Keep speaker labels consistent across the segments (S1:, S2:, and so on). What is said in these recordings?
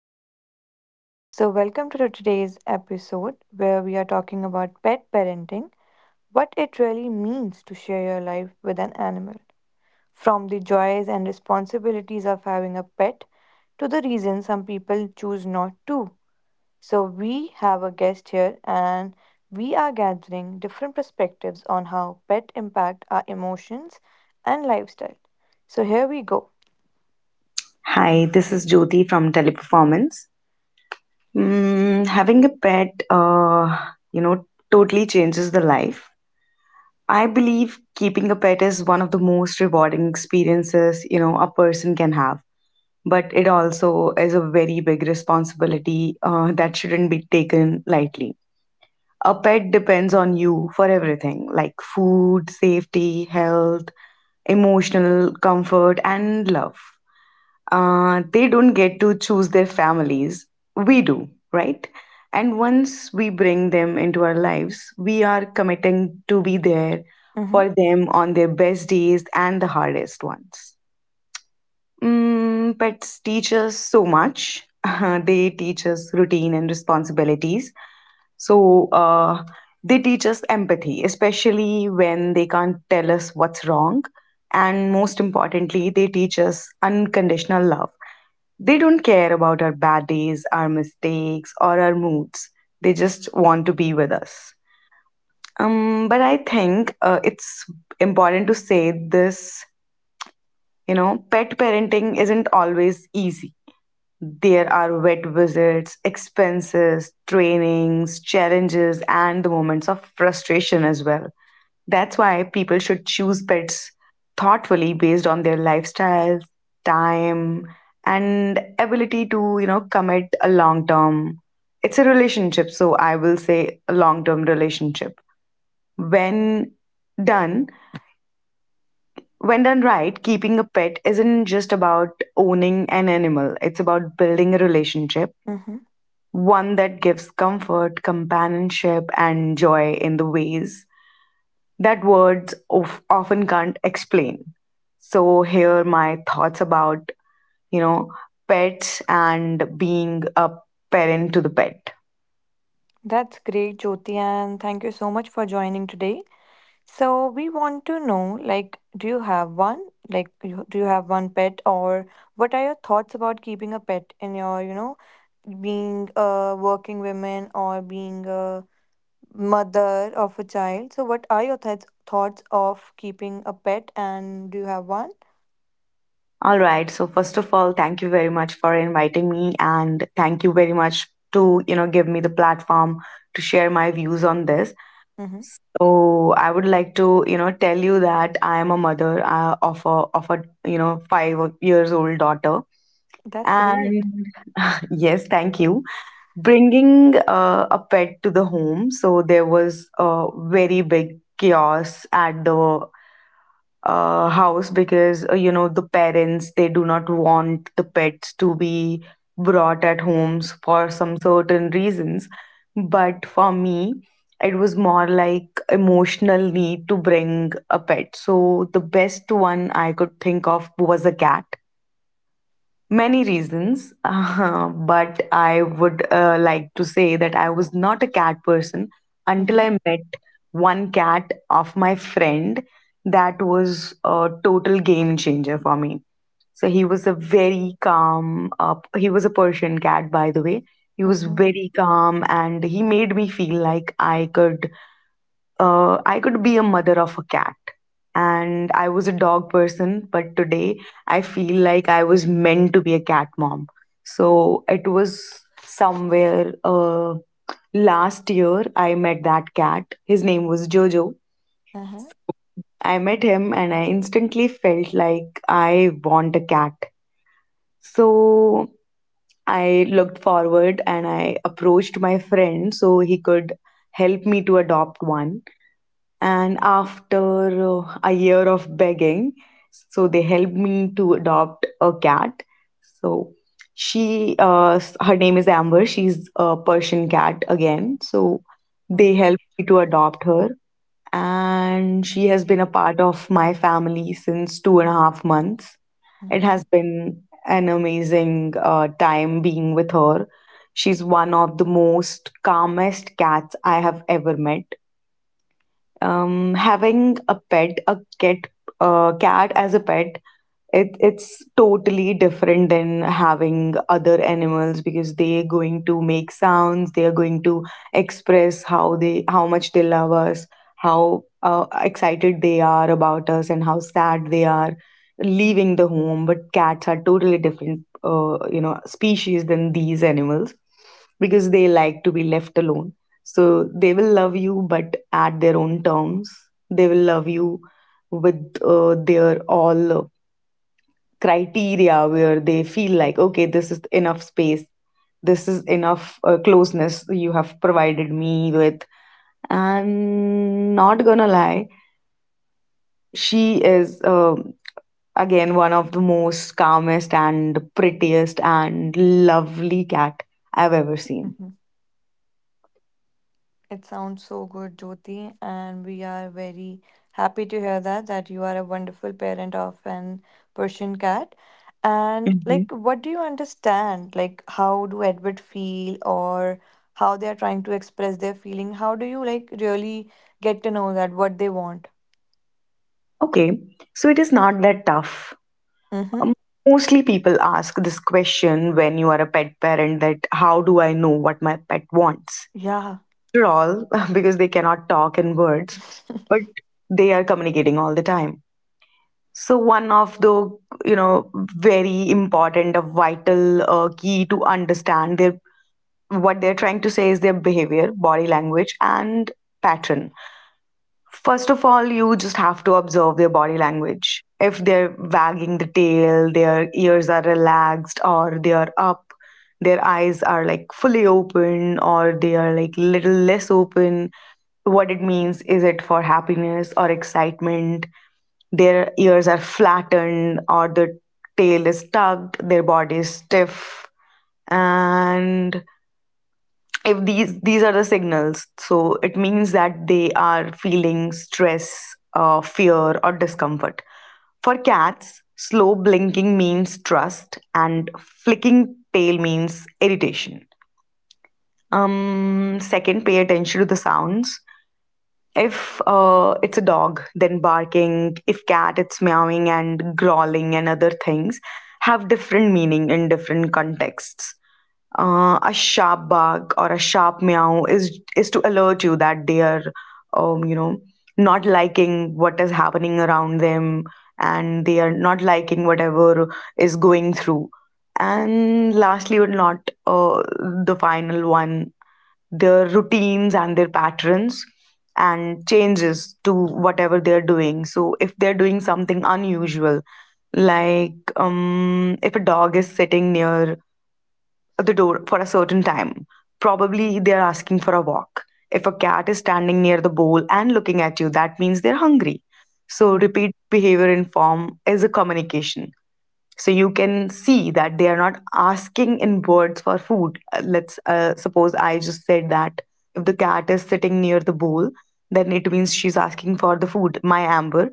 S1: Teleperformance. Welcome to today's episode where we are talking about pet parenting, what it really means to share your life with an animal, from the joys and responsibilities of having a pet to the reasons some people choose not to. So, we have a guest here and we are gathering different perspectives on how pet impact our emotions and lifestyle. So, here we go.
S2: Hi, this is Jyoti from Teleperformance. Having a pet, you know, totally changes the life. I believe keeping a pet is one of the most rewarding experiences, you know, a person can have. But it also is a very big responsibility that shouldn't be taken lightly. A pet depends on you for everything like food, safety, health, emotional comfort, and love. They don't get to choose their families. We do, right? And once we bring them into our lives, we are committing to be there
S1: Mm-hmm.
S2: for them on their best days and the hardest ones. Pets teach us so much. They teach us routine and responsibilities. So uh, they teach us empathy, especially when they can't tell us what's wrong. And most importantly, they teach us unconditional love. They don't care about our bad days, our mistakes, or our moods. They just want to be with us. But I think it's important to say this: pet parenting isn't always easy. There are vet visits, expenses, trainings, challenges, and the moments of frustration as well. That's why people should choose pets thoughtfully based on their lifestyle, time, and ability to, you know, commit a long term. It's a relationship, so I will say a long term relationship. When done, when done right, keeping a pet isn't just about owning an animal, it's about building a relationship,
S1: Mm-hmm.
S2: one that gives comfort, companionship, and joy in the ways that words of often can't explain. So here are my thoughts about, you know, pets and being a parent to the pet.
S1: That's great, Jyoti, and thank you so much for joining today. So we want to know, like, do you have one? Like, do you have one pet, or what are your thoughts about keeping a pet in your, you know, being a working woman or being a mother of a child? So what are your thoughts of keeping a pet, and do you have one?
S2: All right. So first of all, thank you very much for inviting me, and thank you very much to, you know, give me the platform to share my views on this.
S1: Mm-hmm.
S2: So I would like to, you know, tell you that I am a mother of a you know 5 years old daughter.
S1: That's great.
S2: And yes, thank you. Bringing a pet to the home, so there was a very big chaos at the house, because you know, the parents, they do not want the pets to be brought at homes for some certain reasons. But for me, it was more like emotional need to bring a pet, so the best one I could think of was a cat. Many reasons, but I would like to say that I was not a cat person until
S1: Mhm.
S2: I met one cat of my friend. That was a total game changer for me. So he was a very calm. He was a Persian cat, by the way. He was
S1: Mhm.
S2: very calm and he made me feel like I could be a mother of a cat. And I was a dog person, but today I feel like I was meant to be a cat mom. So it was somewhere last year I met that cat. His name was Jojo.
S1: Uh-huh.
S2: I met him and I instantly felt like I want a cat. So I looked forward and I approached my friend so he could help me to adopt one. And after a year of begging, so they helped me to adopt a cat. So her name is Amber. She's a Persian cat again, so
S1: Oh.
S2: they helped me to adopt her. And she has been a part of my family since 2.5 months. It has
S1: Mhm.
S2: been an amazing time being with her. She's one of the most calmest cats I have ever met. Having a pet, a cat, cat as a pet, it's totally different than having other animals, because they're going to make sounds, they are going to express how much they love us, how excited they are about us, and how sad they are leaving the home. But cats are totally different you know species than these animals, because they like to be left alone. So they will love you, but at their own terms. They will love you with their all criteria, where they feel like, okay, this is enough space, this is enough closeness you have provided me with. And not gonna lie, she is again one of the most calmest and prettiest and lovely cat I've ever seen.
S1: Mhm. It sounds so good, Jyoti, and we are very happy to hear that that you are a wonderful parent of an Persian cat. And
S2: Hmm.
S1: like, what do you understand? Like, how do Edward feel, or how they are trying to express their feeling? How do you like really get to know that what they want?
S2: Okay, so it is not that tough.
S1: Mm-hmm.
S2: Um, Mostly people ask this question when you are a pet parent, that how do I know what my pet wants?
S1: Yeah.
S2: After all, because they cannot talk in words, but they are communicating all the time. So one of the, you know, very important, a vital key to understand their what they're trying to say is their behavior, body language, and pattern. First of all, you just have to observe their body language. If they're wagging the tail, their ears are relaxed, or they are up, their eyes are like fully open, or they are like little less open. What it means, is it for happiness or excitement? Their ears are flattened, or the tail is tucked, their body is stiff, and if these are the signals, so it means that they are feeling stress, fear or discomfort. For cats, slow blinking means trust and flicking tail means irritation. Second, pay attention to the sounds. If it's a dog, then barking. If cat, it's meowing and growling, and other things have different meaning in different contexts. A sharp bark or a sharp meow is to alert you that they are, um, you know, not liking what is happening around them, and they are not liking whatever is going through. And lastly, but not the final one, their routines and their patterns and changes to whatever they're doing. So if they're doing something unusual, like if a dog is sitting near the door for a certain time. Probably they're asking for a walk. If a cat is standing near the bowl and looking at you, that means they're hungry. So
S1: Mm-hmm.
S2: repeat behavior in form is a communication. So you can see that they are not asking in words for food. Let's suppose, I just said that if the cat is sitting near the bowl, then it means she's asking for the food, my Amber.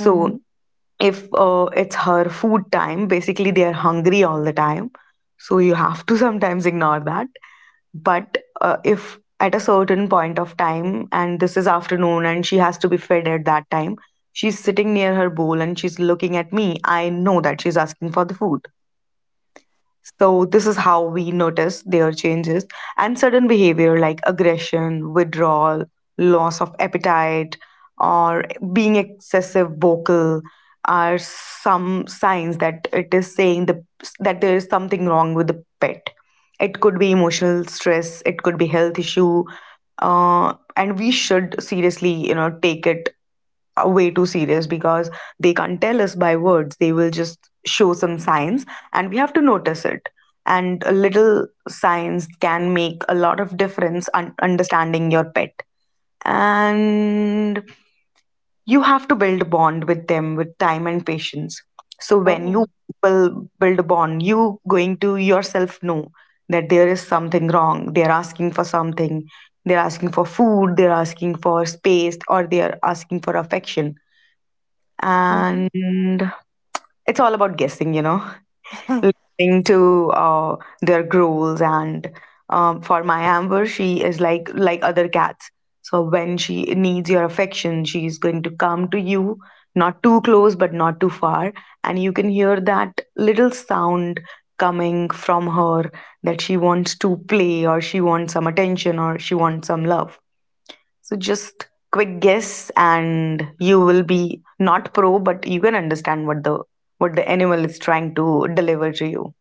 S1: Mm-hmm.
S2: if it's her food time, basically they are hungry all the time. So you have to sometimes ignore that. But if at a certain point of time, and this is afternoon, and she has to be fed at that time, she's sitting near her bowl and she's looking at me, I know that she's asking for the food. So this is how we notice their changes, and sudden behavior like aggression, withdrawal, loss of appetite, or being excessive vocal are some signs that it is saying that there is something wrong with the pet. It could be emotional stress, it could be health issue, and we should seriously, you know, take it way too serious, because they can't tell us by words. They will just show some signs and we have to notice it. And a little signs can make a lot of difference understanding your pet. And you have to build a bond with them with time and patience. So when you
S1: Oh.
S2: will build a bond, you going to yourself know that there is something wrong, they're asking for something, they're asking for food, they're asking for space, or they're asking for affection.
S1: Mm-hmm.
S2: And it's all about guessing, you know, listening to their growls and for my Amber, she is like other cats. So when she needs your affection, she's going to come to you, not too close but not too far. And you can hear that little sound coming from her, that she wants to play or she wants some attention or she wants some love. So just quick guess and you will be not pro, but you can understand what the animal is trying to deliver to you.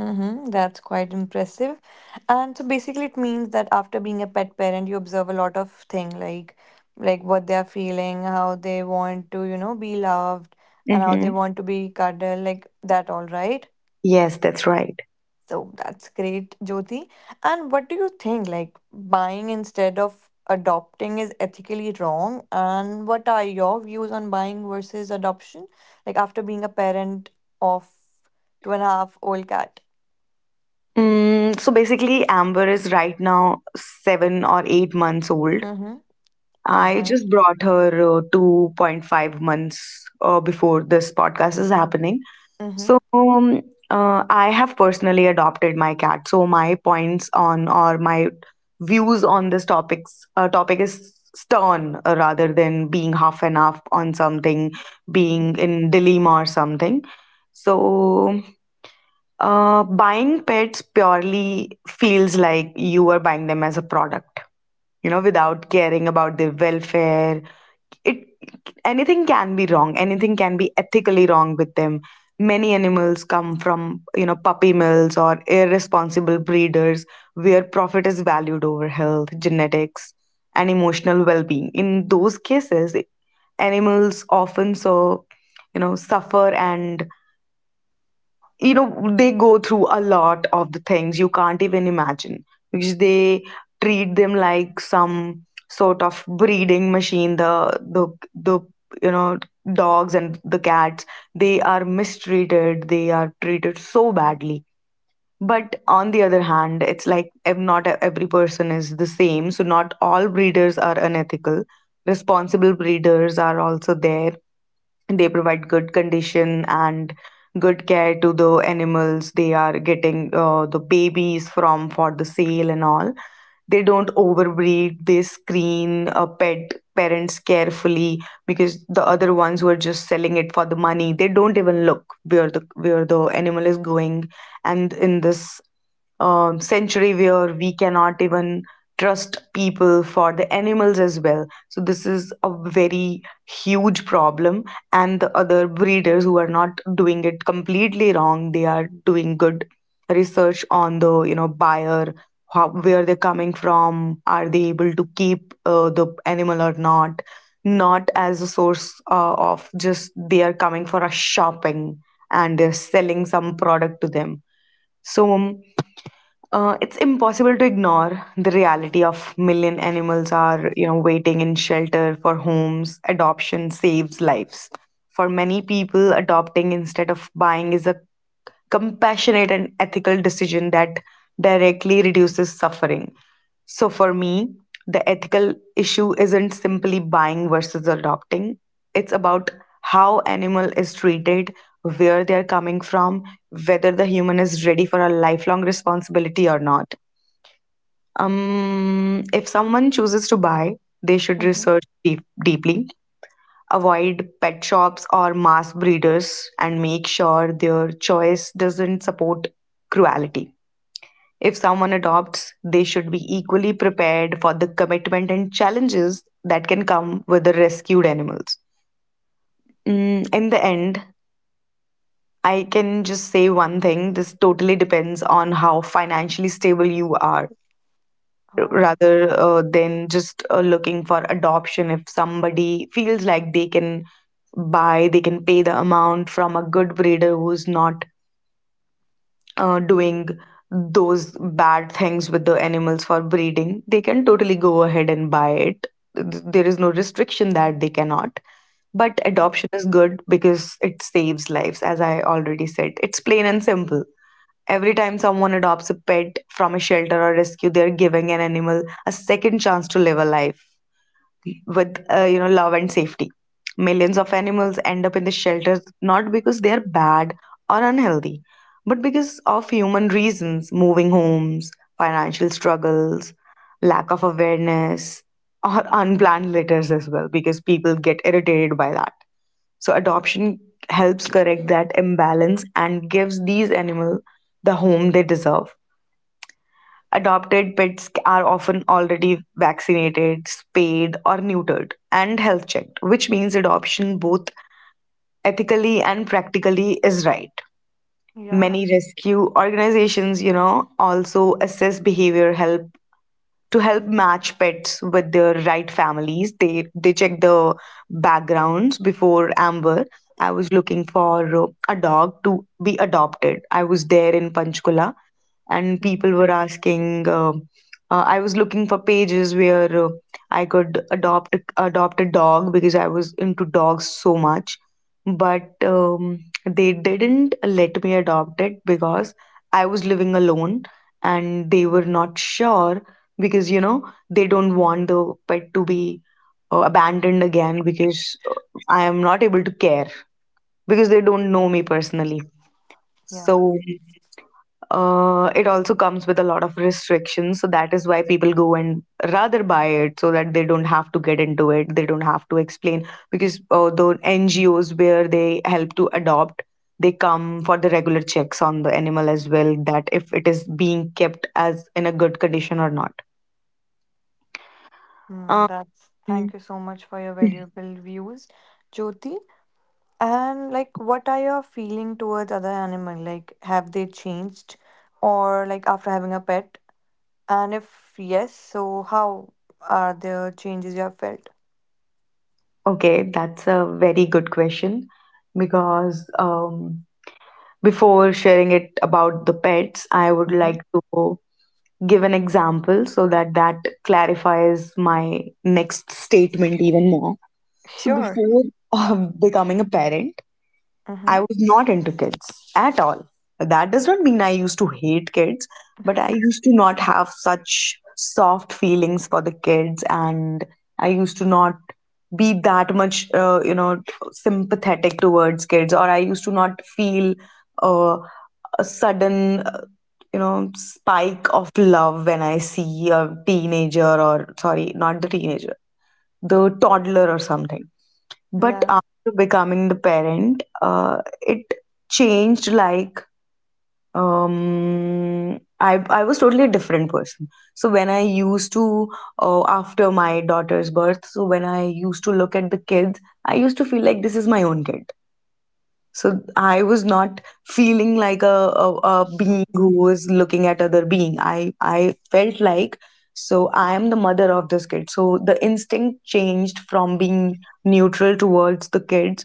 S1: Mm-hmm, that's quite impressive. And so basically it means that after being a pet parent, you observe a lot of thing like what they are feeling, how they want to, you know, be loved and how they
S2: Mm-hmm.
S1: want to be cuddled, like that all right.
S2: Yes, that's right.
S1: So that's great, Jyoti. And what do you think like buying instead of adopting is ethically wrong? And what are your views on buying versus adoption? Like after being a parent of two and a half old cat.
S2: Mm, so basically, Amber is right now 7 or 8 months old.
S1: Mm-hmm. All
S2: I
S1: right.
S2: just brought her 2.5 months before this podcast is happening.
S1: Mm-hmm.
S2: So I have personally adopted my cat. So my points on or my views on this topic is stern, rather than being half and half on something, being
S1: Mm-hmm.
S2: in dilemma or something. So buying pets purely feels like you are buying them as a product, you know, without caring about their welfare. It Anything can be wrong. Anything can be ethically wrong with them. Many animals come from, you know, puppy mills or irresponsible breeders where profit is valued over health, genetics, and emotional well-being. In those cases, animals often suffer, and you know they go through a lot of the things you can't even imagine because they treat them like some sort of breeding machine. The the the you know dogs and the cats, they are mistreated, they are treated so badly. But on the other hand, it's like not every person is the same. So, not all breeders are unethical. Responsible breeders are also there. They provide good condition and good care to the animals they are getting the babies from, for the sale and all. They don't overbreed, they screen pet parents carefully, because the other ones who are just selling it for the money, they don't even look where the animal is going. And in this century where we cannot even trust people for the animals as well, so this is a very huge problem. And the other breeders, who are not doing it completely wrong, they are doing good research on the buyer, how, where they're coming from, are they able to keep the animal or not, not as a source of, just they are coming for a shopping and they're selling some product to them. So it's impossible to ignore the reality of million animals are, waiting in shelter for homes. Adoption saves lives. For many people, adopting instead of buying is a compassionate and ethical decision that directly reduces suffering. So for me, the ethical issue isn't simply buying versus adopting, it's about how animal is treated, where they're coming from, whether the human is ready for a lifelong responsibility or not. If someone chooses to buy, they should
S1: Mm-hmm.
S2: research deep, deeply, avoid pet shops or mass breeders, and make sure their choice doesn't support cruelty. If someone adopts, they should be equally prepared for the commitment and challenges that can come with the rescued animals. In the end, I can just say one thing: this totally depends on how financially stable you are,
S1: Oh.
S2: rather than just looking for adoption. If somebody feels like they can buy, they can pay the amount from a good breeder who's not doing those bad things with the animals for breeding, they can totally go ahead and buy it. There is no restriction that they cannot. But
S1: Mhm.
S2: adoption is good because it saves lives. As I already said, it's plain and simple. Every time someone adopts a pet from a shelter or rescue, they're giving an animal a second chance to live a life with, love and safety. Millions of animals end up in the shelters not because they are bad or unhealthy, but because of human reasons: moving homes, financial struggles, lack of awareness, or unplanned litters as well, because people get irritated by that. So adoption helps correct that imbalance and gives these animals the home they deserve. Adopted pets are often already vaccinated, spayed, or neutered and health checked, which means adoption both ethically and practically is right.
S1: Yeah.
S2: Many rescue organizations, also assess behavior, help to help match pets with their right families. They check the backgrounds before. Amber, I was looking for a dog to be adopted. I was there in Panchkula, and people
S1: Mm-hmm.
S2: were asking. I was looking for pages where I could adopt a dog because I was into dogs so much, but they didn't let me adopt it because I was living alone and they were not sure because they don't want the pet to be abandoned again because uh, I am not able to care, because they don't know me personally.
S1: Yeah.
S2: So it also comes with a lot of restrictions. So that is why people go and rather buy it, so that they don't have to get into it. They don't have to explain, because the NGOs, where they help to adopt, they come for the regular checks on the animal as well, that if it is being kept as in a good condition or not.
S1: Mm, that's
S2: Um,
S1: thank you so much for your valuable views, Jyoti. And like, what are your feeling towards other animal? Like, have they changed, or like after having a pet? And if yes, so how are the changes you have felt?
S2: Okay, that's a very good question because before sharing it about the pets, I would
S1: Mm-hmm.
S2: like to give an example so that clarifies my next statement even more. So,
S1: Sure.
S2: before becoming a parent, I
S1: Mm-hmm.
S2: was not into kids at all. That does not mean I used to hate kids, but I used to not have such soft feelings for the kids, and I used to not be that much, sympathetic towards kids, or I used to not feel uh, a sudden, spike of love when I see a teenager, or sorry, not the teenager, the toddler or something. But
S1: Yeah.
S2: after becoming the parent, it changed. I was totally a different person. So when I used to, after my daughter's birth, so when I used to look at the kids, I used to feel like this is my own kid. So I was not feeling like a being who was looking at other being. I felt like, so I am the mother of this kid. So the instinct changed from being neutral towards the kids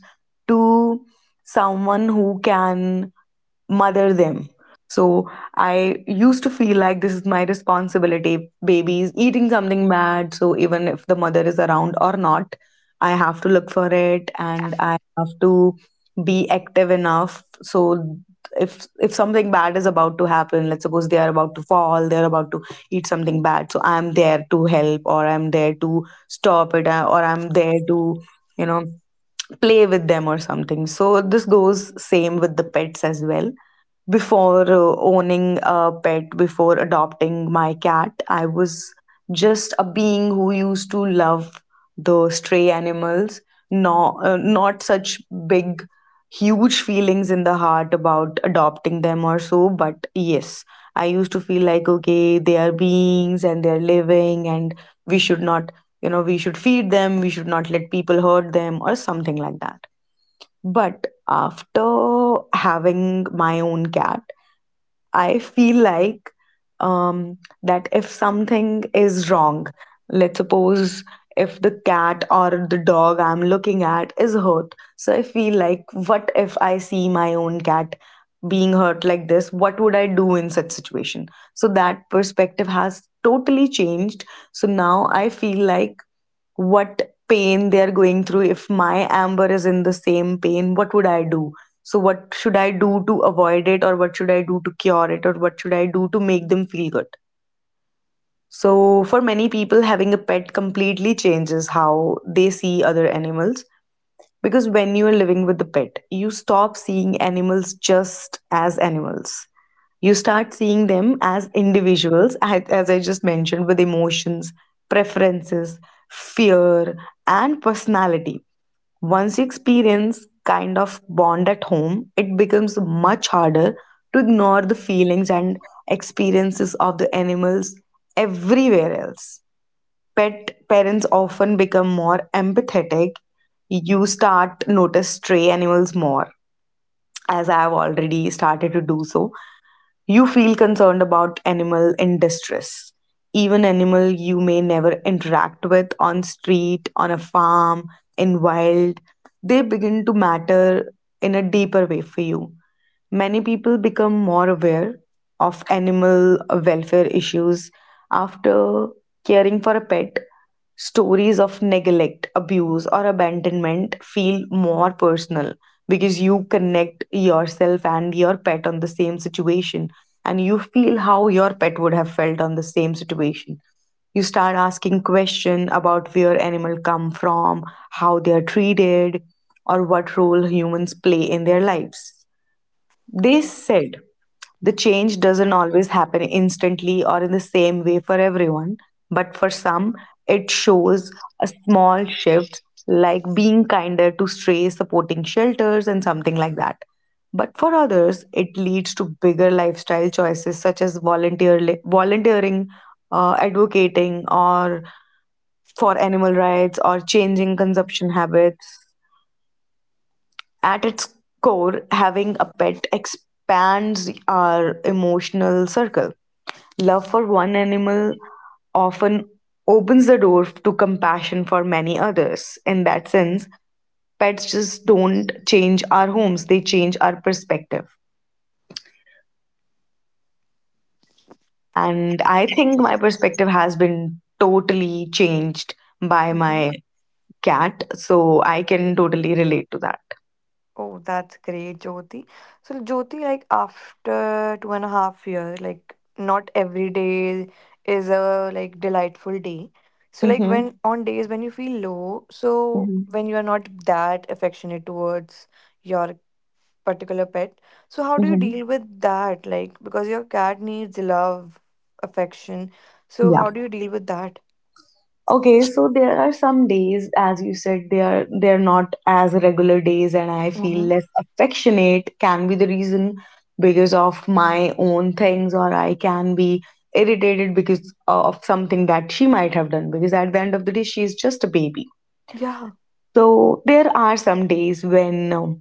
S2: to someone who can mother them. So I used to feel like this is my responsibility. Baby is eating something bad, so even if the mother is around or not, I have to look for it and I have to be active enough. So if something bad is about to happen, let's suppose they are about to fall, they are about to eat something bad, so I'm there to help or I'm there to stop it, or I'm there to you know play with them or something. So this goes same with the pets as well. Before owning a pet, before adopting my cat, I was just a being who used to love the stray animals. No, not such big, huge feelings in the heart about adopting them or so. But yes, I used to feel like, okay, they are beings and they are living, and we should not, we should feed them, we should not let people hurt them, or something like that. But after having my own cat, I feel like um, that if something is wrong, let's suppose if the cat or the dog I'm looking at is hurt, so I feel like, what if I see my own cat being hurt like this? What would I do in such situation? So that perspective has totally changed. So now I feel like what pain they're going through. If my Amber is in the same pain, what would I do? So, what should I do to avoid it, or what should I do to cure it, or what should I do to make them feel good? So, for many people, having a pet completely changes how they see other animals. Because when you are living with the pet, you stop seeing animals just as animals. You start seeing them as individuals, as I just mentioned, with emotions, preferences, fear, and personality. Once you experience kind of bond at home, it becomes much harder to ignore the feelings and experiences of the animals everywhere else. Pet parents often become more empathetic. You start notice stray animals more, as I have already started to do so. You feel concerned about animal in distress. Even animal you may never interact with, on street, on a farm, in wild, they begin to matter in a deeper way for you. Many people become more aware of animal welfare issues after caring for a pet. Stories of neglect, abuse or abandonment feel more personal because you connect yourself and your pet on the same situation, and you feel how your pet would have felt on the same situation. You start asking questions about where animal come from, how they are treated, or what role humans play in their lives. They said the change doesn't always happen instantly or in the same way for everyone, but for some, it shows a small shift, like being kinder to strays, supporting shelters, and something like that. But for others, it leads to bigger lifestyle choices such as volunteering, advocating, or for animal rights, or changing consumption habits. At its core, having a pet expands our emotional circle. Love for one animal often opens the door to compassion for many others. In that sense, pets just don't change our homes, they change our perspective. And I think my perspective has been totally changed by my cat, so I can totally relate to that.
S1: Oh, that's great, Jyoti. So, Jyoti, like after 2.5 years, like not every day is a like delightful day. So, like when
S2: Mm-hmm.
S1: on days when you feel low, so
S2: Mm-hmm.
S1: when you are not that affectionate towards your particular pet, so how do you
S2: Mm-hmm.
S1: deal with that? Like because your cat needs love, affection. So
S2: Yeah.
S1: how do you deal with that?
S2: Okay, so there are some days, as you said, they're not as regular days, and I feel
S1: Mm-hmm.
S2: less affectionate. Can be the reason because of my own things, or I can be irritated because of something that she might have done. Because at the end of the day, she's just a baby.
S1: Yeah.
S2: So there are some days when, um,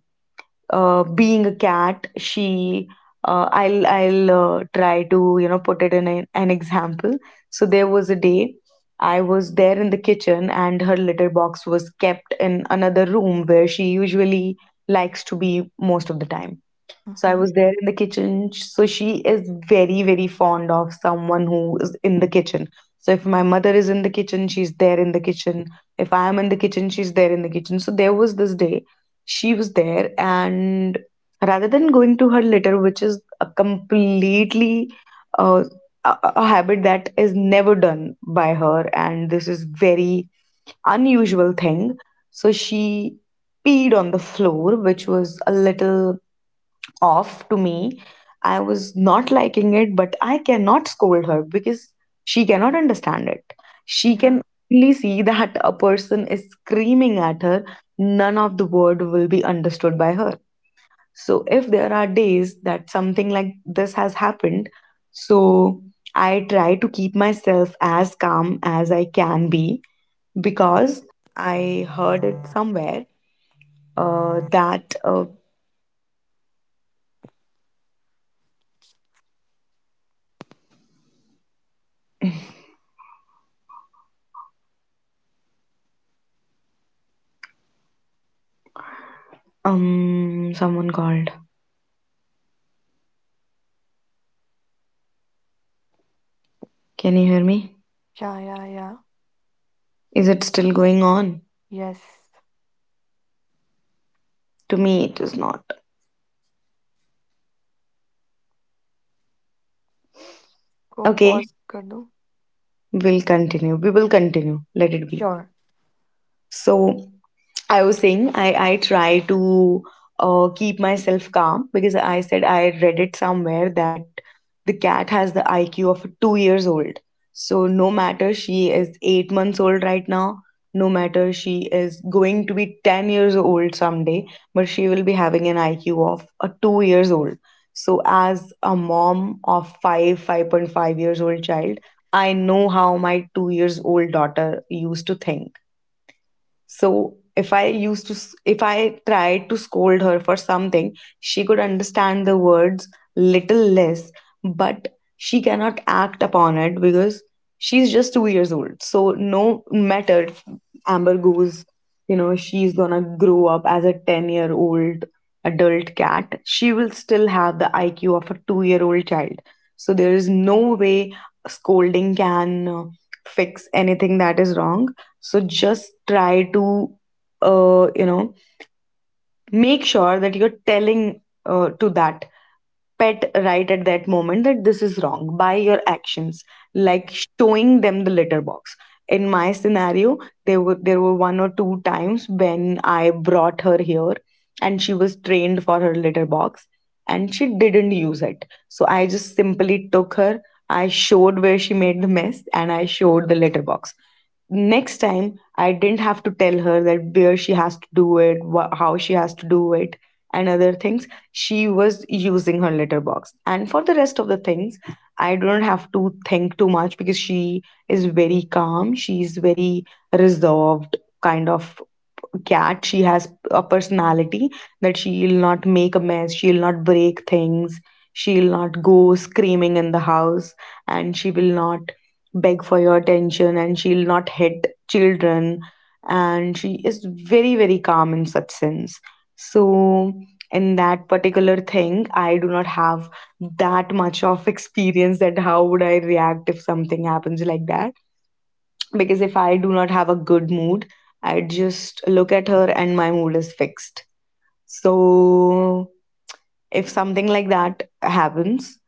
S2: uh, being a cat, she, I'll try to put it in an example. So there was a day, I was there in the kitchen, and her litter box was kept in another room where she usually likes to be, most of the time. So I
S1: Mm-hmm.
S2: was there in the kitchen. So she is very, very fond of someone who is in the kitchen. So if my mother is in the kitchen, she's there in the kitchen. If I am in the kitchen, she's there in the kitchen. So there was this day, she was there, and rather than going to her litter, which is a completely uh, a habit that is never done by her, and this is very unusual thing. So she peed on the floor, which was a little off to me. I was not liking it, but I cannot scold her because she cannot understand it. She
S1: Yeah.
S2: can only see that a person is screaming at her, none of the word will be understood by her. So, if there are days that something like this has happened, so I try to keep myself as calm as I can be. Someone called. Can you hear me?
S1: Yeah. Yeah. Yeah.
S2: Is it still going on?
S1: Yes.
S2: To me, it is not.
S1: को
S2: Okay,
S1: pause कर दो.
S2: we'll continue. We will continue. Let it be.
S1: Sure.
S2: So, I was saying, I try to keep myself calm, because I said I read it somewhere that the cat has the IQ of a 2 years old. So no matter she is 8 months old right now, no matter she is going to be 10 years old someday, but she will be having an IQ of a 2 years old. So as a mom of 5.5 years old child, I know how my 2 years old daughter used to think. So if I used to, if I tried to scold her for something, she could understand the words little less, but she cannot act upon it because she's just 2 years old. So no matter Amber goes, she's gonna grow up as a 10-year-old adult cat, she will still have the IQ of a 2 year old child. So there is no way scolding can fix anything that is wrong. So just try to uh, you know make sure that you're telling, to that pet right at that moment, that this is wrong by your actions, like showing them the litter box. In my scenario, there were one or two times when I brought her here, and she was trained for her litter box, and she didn't use it. So I just simply took her, I showed where she made the mess, and I showed the litter box. Next time, I didn't have to tell her that where she has to do it, how she has to do it, and other things. She was using her litter box. And for the rest of the things, I don't have to think too much because she is very calm. She is very reserved kind of cat. She has a personality that she'll not make a mess, she'll not break things, she'll not go screaming in the house, and she will not beg for your attention, and she'll not hit children. And she is very, very calm in such sense. So in that particular thing, I do not have that much of experience, that how would I react if something happens like that. Because if I do not have a good mood, I just look at her and my mood is fixed. So if something like that happens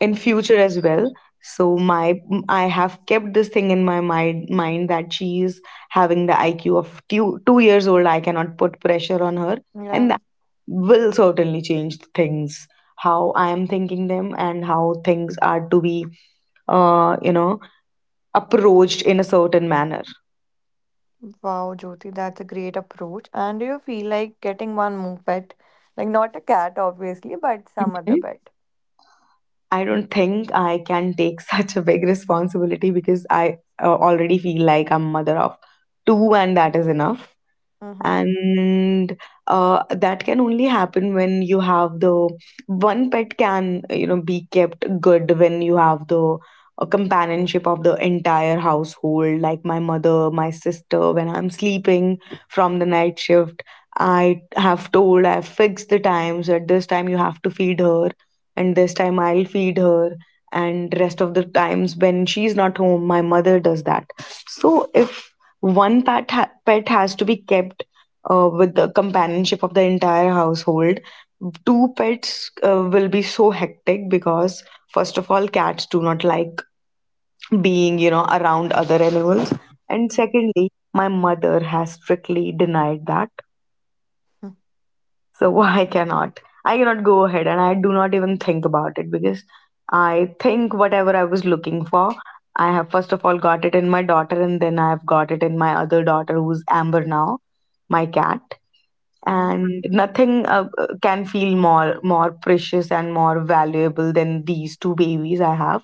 S2: in
S1: Mhm.
S2: future as well, so my I have kept this thing in my mind that she is having the IQ of 2 years old. I cannot put pressure on her, and
S1: Yeah.
S2: will certainly change things, how I am thinking them and how things are to be, uh, you know approached in a certain manner.
S1: Wow, Jyoti, that's a great approach. And do you feel like getting one more pet? Like not a cat, obviously, but some other
S2: Mhm.
S1: pet.
S2: I don't think I can take such a big responsibility because I already feel like I'm mother of two, and that is enough.
S1: Mm-hmm.
S2: And that can only happen when you have the one pet can be kept good when you have the companionship of the entire household, like my mother, my sister. When I'm sleeping from the night shift, I have told, I've fixed the times, at this time you have to feed her, and this time I'll feed her, and rest of the times when she's not home, my mother does that. So if one pet pet has to be kept with the companionship of the entire household, two pets will be so hectic because, first of all, cats do not like being around other animals, and
S1: Mm-hmm.
S2: secondly, my mother has strictly denied that. So I cannot go ahead, and I do not even think about it. Because I think whatever I was looking for, I have first of all got it in my daughter, and then I have got it in my other daughter who's Amber now, my cat.
S1: Mm-hmm.
S2: And nothing can feel more precious and more valuable than these two babies I have.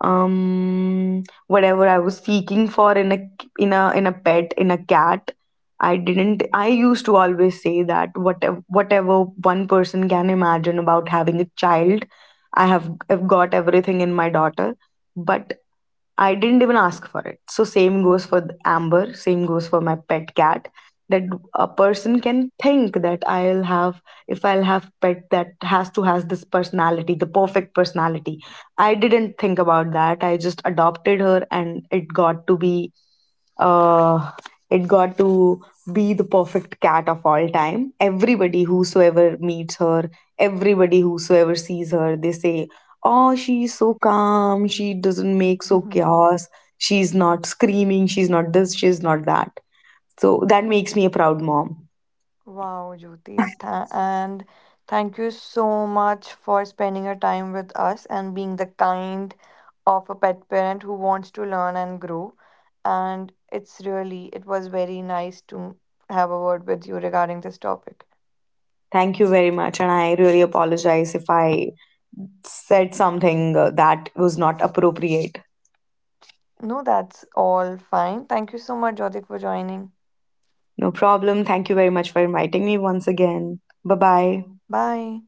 S2: Whatever I was seeking for in a pet in a cat, I didn't I used to always say that whatever one person can imagine about having a child, I have got everything in my daughter. But I didn't even ask for it. So, same goes for the Amber, same goes for my pet cat. That a person can think that, if I'll have pet that has this personality, the perfect personality. I didn't think about that. I just adopted her, and uh, it got to be the perfect cat of all time. Everybody whosoever meets her, everybody whosoever sees her, they say, oh, she's so calm, she doesn't make so
S1: Mm-hmm.
S2: chaos, she's not screaming, she's not this, she's not that. So that makes me a proud mom.
S1: Wow, Jyoti. And thank you so much for spending your time with us and being the kind of a pet parent who wants to learn and grow. And it's really, it was very nice to have a word with you regarding this topic.
S2: Thank you very much, and I really apologize if I said something that was not appropriate.
S1: No, that's all fine. Thank you so much, Jyoti, for joining.
S2: No problem. Thank you very much for inviting me once again. Bye bye.
S1: Bye.